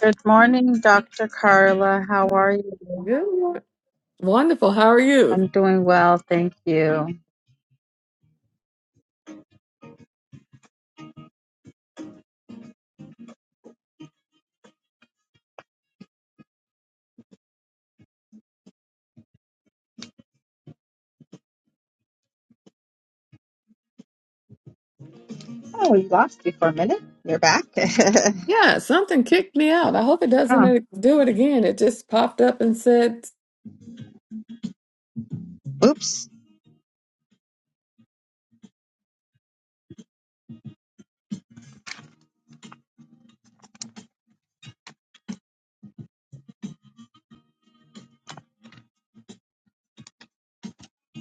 Good morning, Dr. Carla. How are you? Good. one. Wonderful. How are you? I'm doing well, thank you. Oh, we lost you for a minute. You're back. Yeah, something kicked me out. I hope it doesn't Oh, uh, do it again. It just popped up and said, Oops.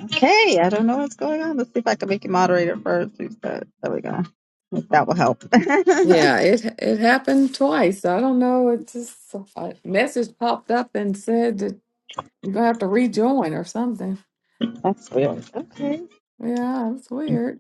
Okay, I don't know what's going on. Let's see if I can make you moderator first. There we go. That will help. yeah, it it happened twice. I don't know. It just a message popped up and said that you're gonna have to rejoin or something. That's weird. Okay. Yeah, it's weird.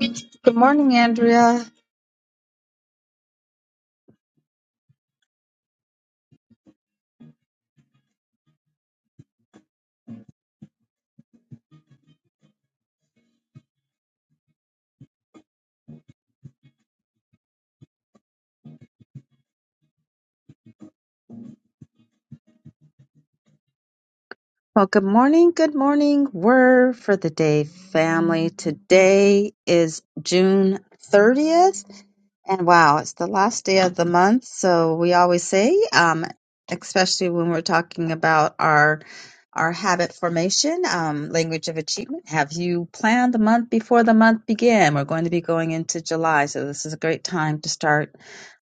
good morning, Andrea. Well, good morning, good morning. Word for the day, family. Today is June 30th. And wow, it's the last day of the month, so we always say, um, especially when we're talking about our our habit formation, um, language of achievement. Have you planned the month before the month began? We're going to be going into July, so this is a great time to start,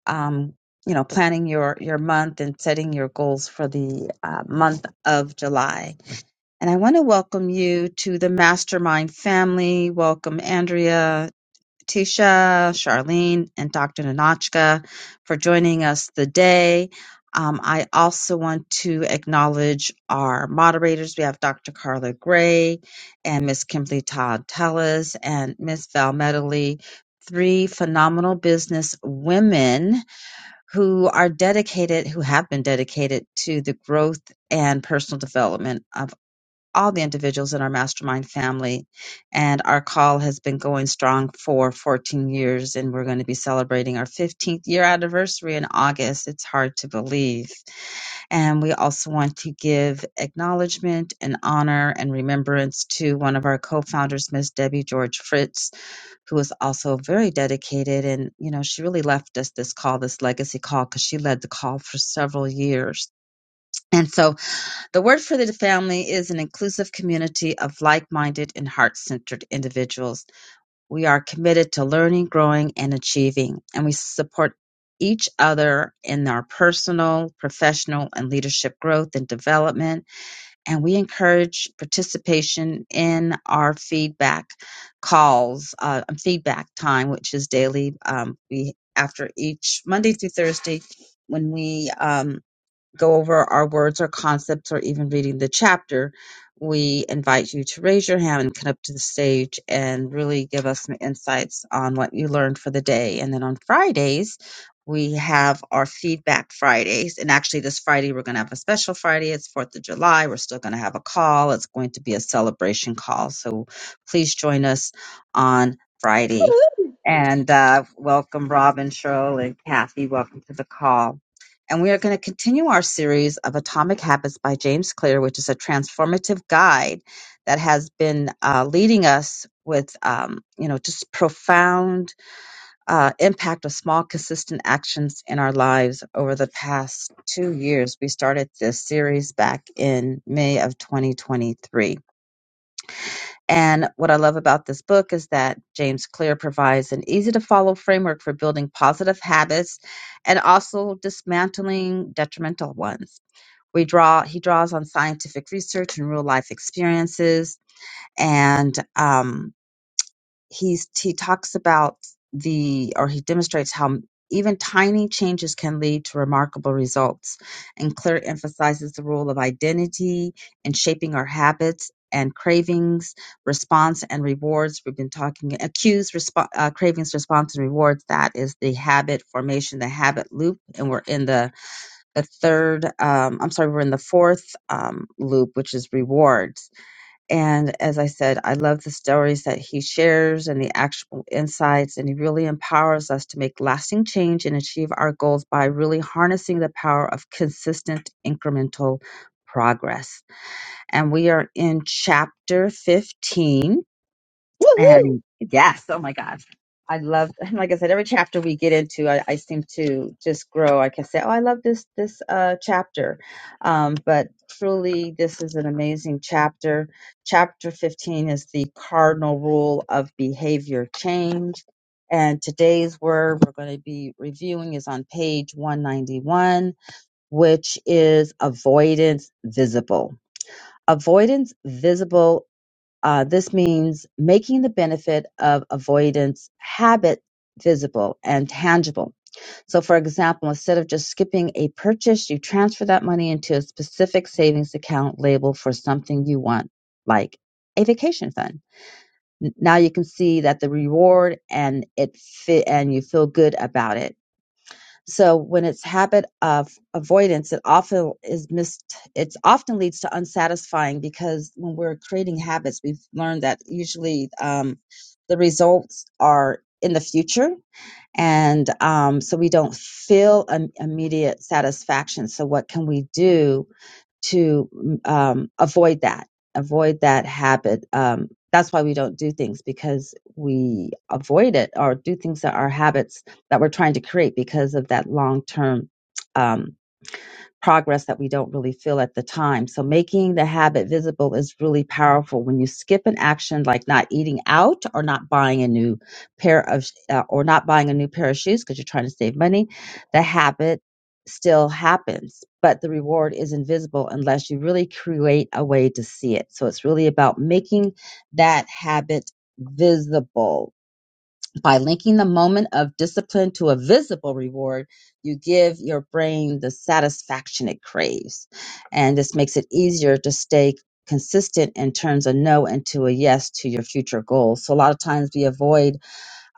um, you know, planning your your month and setting your goals for the uh, month of July. And I want to welcome you to the Mastermind family. Welcome, Andrea, Tisha, Charlene, and Dr. Nanochka for joining us today. Um, I also want to acknowledge our moderators. We have Dr. Carla Gray and Miss Kimberly Todd Tellis and Miss Val Medley, three phenomenal business women who are dedicated, who have been dedicated to the growth and personal development of all the individuals in our mastermind family. And our call has been going strong for 14 years, and we're going to be celebrating our 15th year anniversary in August. It's hard to believe. And we also want to give acknowledgement and honor and remembrance to one of our co founders, Miss Debbie George Fritz, who is also very dedicated. And, you know, she really left us this call, this legacy call, because she led the call for several years. And so the word for the family is an inclusive community of like minded and heart centered individuals. We are committed to learning, growing, and achieving, and we support each other in our personal, professional, and leadership growth and development. And we encourage participation in our feedback calls, uh, um, feedback time, which is daily. Um, we after each Monday through Thursday when we um, go over our words or concepts or even reading the chapter, we invite you to raise your hand and come up to the stage and really give us some insights on what you learned for the day. And then on Fridays, we have our feedback Fridays. And actually, this Friday, we're going to have a special Friday. It's 4th of July. We're still going to have a call. It's going to be a celebration call. So please join us on Friday and uh, welcome, Robin, Cheryl, and Kathy. Welcome to the call. And we are going to continue our series of Atomic Habits by James Clear, which is a transformative guide that has been uh, leading us with, um, you know, just profound uh, impact of small, consistent actions in our lives over the past two years. We started this series back in May of 2023 and what I love about this book is that James Clear provides an easy to follow framework for building positive habits and also dismantling detrimental ones. We draw, he draws on scientific research and real life experiences. And, um, he's he talks about the or he demonstrates how even tiny changes can lead to remarkable results and clear emphasizes the role of identity in shaping our habits and cravings response and rewards we've been talking accused respo- uh, cravings response and rewards that is the habit formation the habit loop and we're in the the third um, i'm sorry we're in the fourth um, loop which is rewards and as I said, I love the stories that he shares and the actual insights, and he really empowers us to make lasting change and achieve our goals by really harnessing the power of consistent incremental progress. And we are in chapter 15 Woohoo! and yes, oh my gosh. I love, like I said, every chapter we get into, I, I seem to just grow. I can say, oh, I love this this uh, chapter, um, but truly, this is an amazing chapter. Chapter fifteen is the cardinal rule of behavior change, and today's word we're going to be reviewing is on page one ninety one, which is avoidance visible. Avoidance visible uh, this means making the benefit of avoidance habit visible and tangible. So, for example, instead of just skipping a purchase, you transfer that money into a specific savings account labeled for something you want, like a vacation fund. N- Now you can see that the reward and it fit, and you feel good about it so when it's habit of avoidance, it often is missed. it often leads to unsatisfying because when we're creating habits, we've learned that usually um, the results are in the future. And um, so we don't feel an immediate satisfaction. So what can we do to mm, um, avoid that, avoid that habit. Um, that's why we don't do things because we avoid it or do things that are habits that we're trying to create because of that long term. um, progress that we don't really feel at the time. So making the habit visible is really powerful. When you skip an action like not eating out or not buying a new pair of uh, or not buying a new pair of shoes because you're trying to save money, the habit still happens, but the reward is invisible unless you really create a way to see it. So it's really about making that habit visible by linking the moment of discipline to a visible reward, you give your brain the satisfaction it craves. And this makes it easier to stay consistent and turns a no into a yes to your future goals. So a lot of times we avoid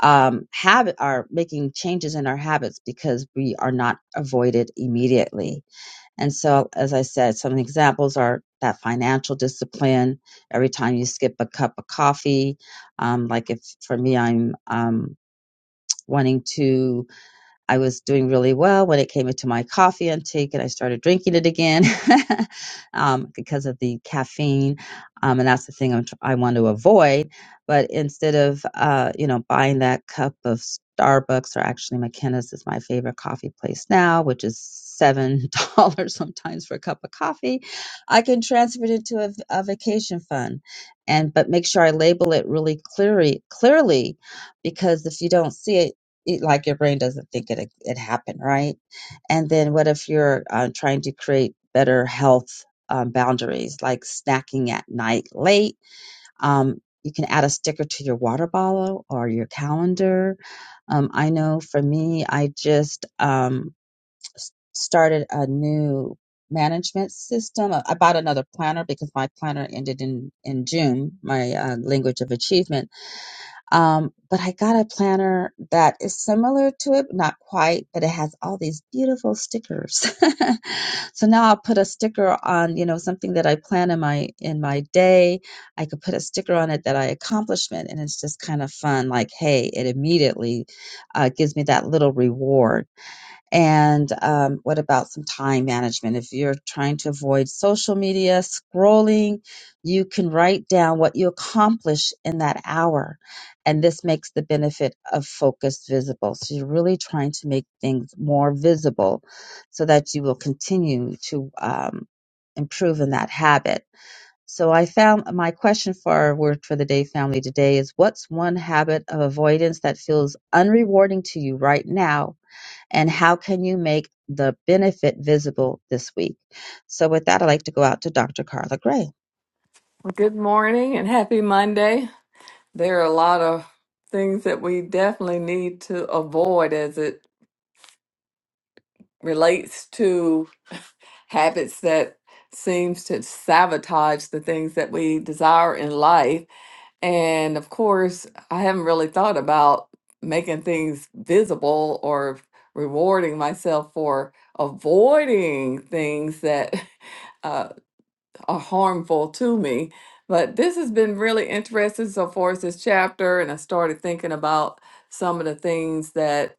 um, habit are making changes in our habits because we are not avoided immediately. And so, as I said, some examples are that financial discipline. Every time you skip a cup of coffee, um, like if for me, I'm um, wanting to i was doing really well when it came into my coffee intake and i started drinking it again um, because of the caffeine um, and that's the thing I'm, tr- i want to avoid but instead of uh, you know buying that cup of starbucks or actually mckenna's is my favorite coffee place now which is seven dollars sometimes for a cup of coffee i can transfer it into a, v- a vacation fund and but make sure i label it really clearly clearly because if you don't see it it, like your brain doesn't think it it happened, right? And then what if you're uh, trying to create better health um, boundaries, like snacking at night late? Um, you can add a sticker to your water bottle or your calendar. Um, I know for me, I just um, s- started a new management system. I I bought another planner because my planner ended in in June, my uh, language of achievement um, but I got a planner that is similar to it, but not quite, but it has all these beautiful stickers. so now I'll put a sticker on, you know, something that I plan in my in my day. I could put a sticker on it that I accomplishment, and it's just kind of fun. Like, hey, it immediately uh, gives me that little reward and um, what about some time management? If you're trying to avoid social media scrolling, you can write down what you accomplish in that hour. And this makes the benefit of focus visible. So you're really trying to make things more visible so that you will continue to um, improve in that habit. So I found my question for our word for the day family today is what's one habit of avoidance that feels unrewarding to you right now and how can you make the benefit visible this week? So, with that, I'd like to go out to Dr. Carla Gray. Well, Good morning and happy Monday. There are a lot of things that we definitely need to avoid as it relates to. habits that seems to sabotage the things that we desire in life and of course i haven't really thought about making things visible or rewarding myself for avoiding things that uh, are harmful to me but this has been really interesting so far as this chapter and i started thinking about some of the things that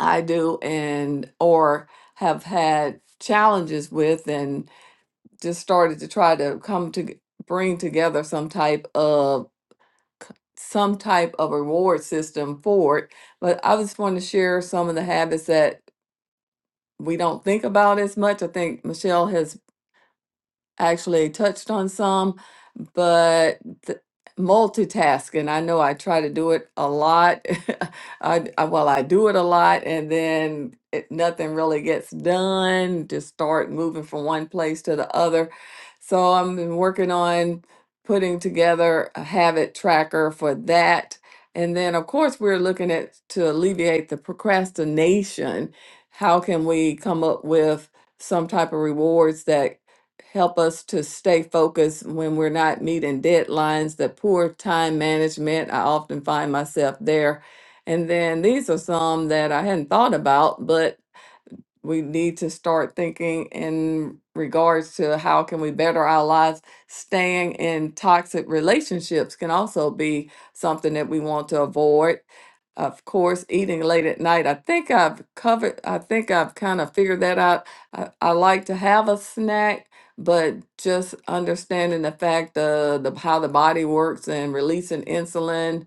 i do and or have had challenges with and just started to try to come to bring together some type of some type of reward system for it. But I just want to share some of the habits that we don't think about as much. I think Michelle has actually touched on some, but th- multitasking, I know I try to do it a lot. I, I well, I do it a lot and then it, nothing really gets done, just start moving from one place to the other. So I'm been working on putting together a habit tracker for that. And then of course we're looking at to alleviate the procrastination. How can we come up with some type of rewards that help us to stay focused when we're not meeting deadlines, the poor time management. I often find myself there. And then these are some that I hadn't thought about, but we need to start thinking in regards to how can we better our lives staying in toxic relationships can also be something that we want to avoid of course eating late at night i think i've covered i think i've kind of figured that out i, I like to have a snack but just understanding the fact of the how the body works and releasing insulin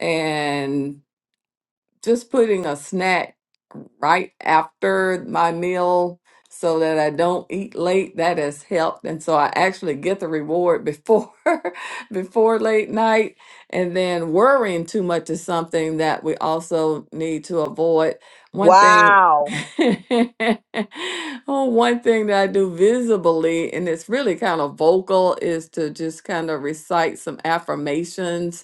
and just putting a snack right after my meal so that I don't eat late. That has helped. And so I actually get the reward before before late night. And then worrying too much is something that we also need to avoid. One thing Wow. oh, one thing that I do visibly, and it's really kind of vocal, is to just kind of recite some affirmations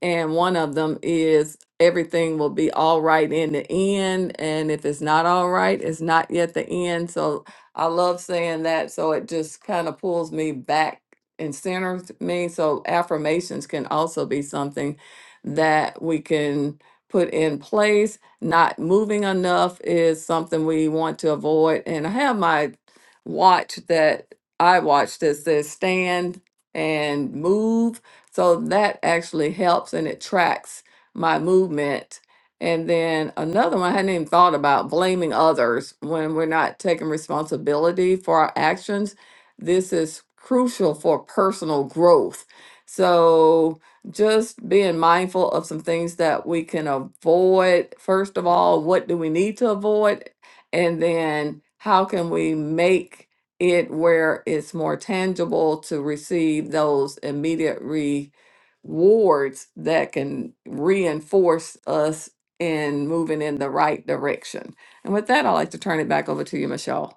and one of them is everything will be all right in the end. And if it's not all right, it's not yet the end. So I love saying that. So it just kind of pulls me back and centers me. So affirmations can also be something that we can put in place. Not moving enough is something we want to avoid. And I have my watch that I watch that says stand and move so that actually helps and it tracks my movement. And then another one I hadn't even thought about blaming others when we're not taking responsibility for our actions. This is crucial for personal growth. So just being mindful of some things that we can avoid. First of all, what do we need to avoid? And then how can we make it where it's more tangible to receive those immediate rewards that can reinforce us in moving in the right direction. And with that, I'd like to turn it back over to you, Michelle.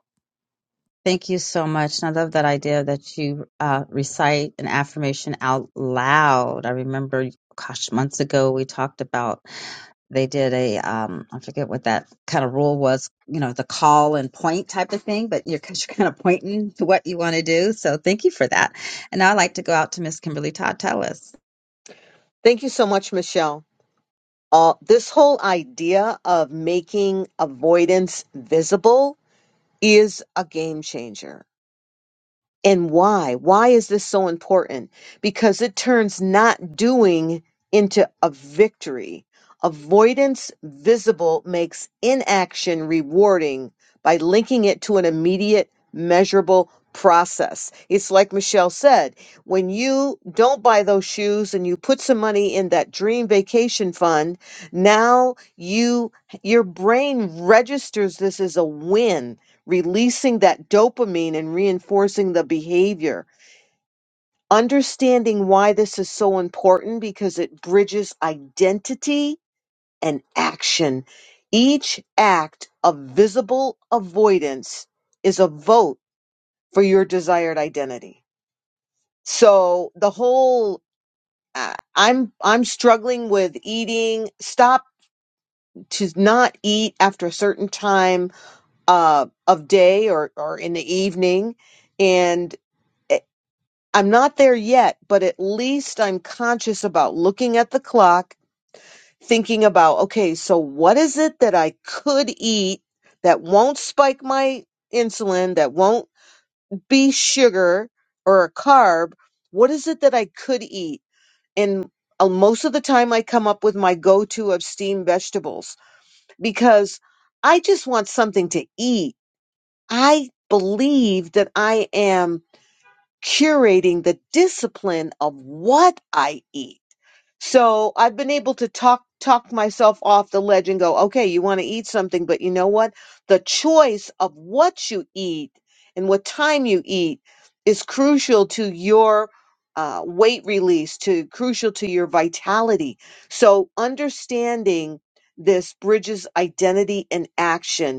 Thank you so much. And I love that idea that you uh, recite an affirmation out loud. I remember, gosh, months ago we talked about they did a um, I forget what that kind of rule was. You know, the call and point type of thing, but you're, 'cause you're kind of pointing to what you want to do. So, thank you for that. And now I'd like to go out to Miss Kimberly Todd Tellis. Thank you so much, Michelle. Uh, this whole idea of making avoidance visible is a game changer. and why why is this so important because it turns not doing into a victory avoidance visible makes inaction rewarding by linking it to an immediate measurable process it's like michelle said when you don't buy those shoes and you put some money in that dream vacation fund now you your brain registers this as a win releasing that dopamine and reinforcing the behavior. Understanding why this is so important because it bridges identity and action. Each act of visible avoidance is a vote for your desired identity. So the whole uh, I'm I'm struggling with eating. Stop to not eat after a certain time uh, of day or or in the evening, and eh, I'm not there yet, but at least I'm conscious about looking at the clock, thinking about, okay, so what is it that I could eat that won't spike my insulin, that won't be sugar or a carb? What is it that I could eat? And uh, most of the time, I come up with my go to of steamed vegetables because I just want something to eat. I believe that I am curating the discipline of what I eat. So I've been able to talk talk myself off the ledge and go, okay, you want to eat something, but you know what? The choice of what you eat and what time you eat is crucial to your uh, weight release, to crucial to your vitality. So understanding this bridges identity and action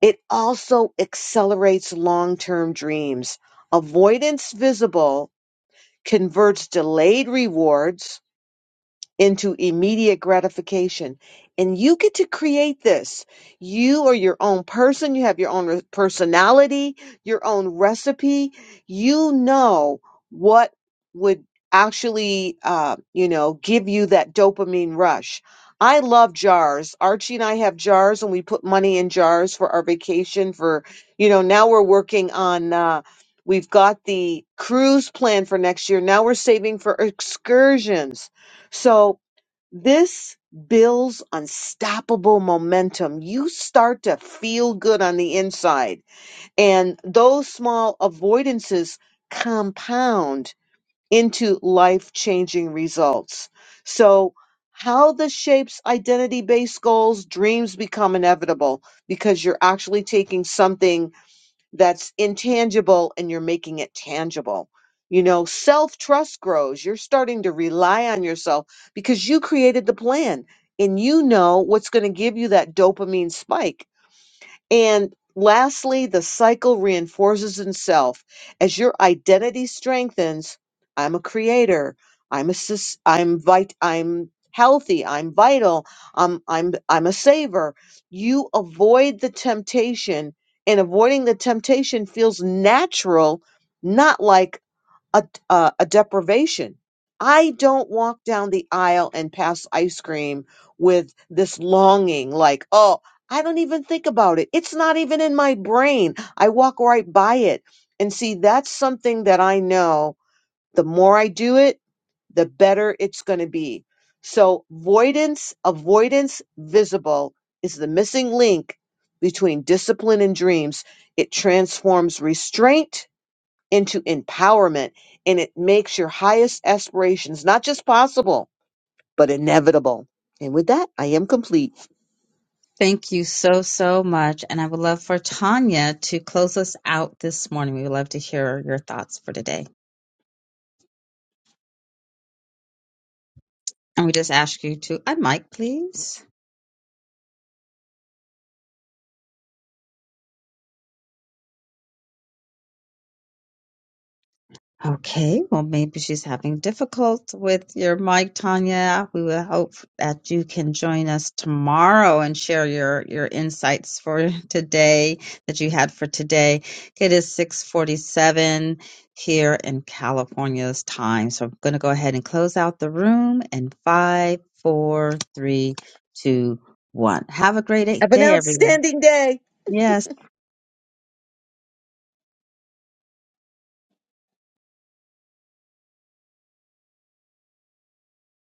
it also accelerates long term dreams. Avoidance visible converts delayed rewards into immediate gratification. And you get to create this. You are your own person. You have your own re- personality, your own recipe. You know what would actually, uh, you know, give you that dopamine rush. I love jars. Archie and I have jars, and we put money in jars for our vacation. For you know, now we're working on. Uh, we've got the cruise plan for next year. Now we're saving for excursions. So this builds unstoppable momentum. You start to feel good on the inside, and those small avoidances compound into life changing results. So, how this shapes identity based goals, dreams become inevitable because you're actually taking something that's intangible and you're making it tangible. You know, self trust grows. You're starting to rely on yourself because you created the plan and you know what's going to give you that dopamine spike and lastly, the cycle reinforces itself as your identity strengthens. I'm a creator. I'm a sus- I'm vit- I'm healthy. I'm vital. I'm I'm I'm a saver. You avoid the temptation, and avoiding the temptation feels natural, not like a, a, a deprivation. I don't walk down the aisle and pass ice cream with this longing, like, oh, I don't even think about it. It's not even in my brain. I walk right by it. And see, that's something that I know the more I do it, the better it's going to be. So, avoidance, avoidance visible is the missing link between discipline and dreams. It transforms restraint into empowerment and it makes your highest aspirations not just possible, but inevitable. And with that, I am complete. Thank you so, so much. And I would love for Tanya to close us out this morning. We would love to hear your thoughts for today. And we just ask you to unmic, please. Okay, well, maybe she's having difficult with your mic, Tanya. We will hope that you can join us tomorrow and share your your insights for today that you had for today. It is 6:47 here in California's time, so I'm going to go ahead and close out the room in five, four, three, two, one. Have a great Have an day, everyone. outstanding day. Yes.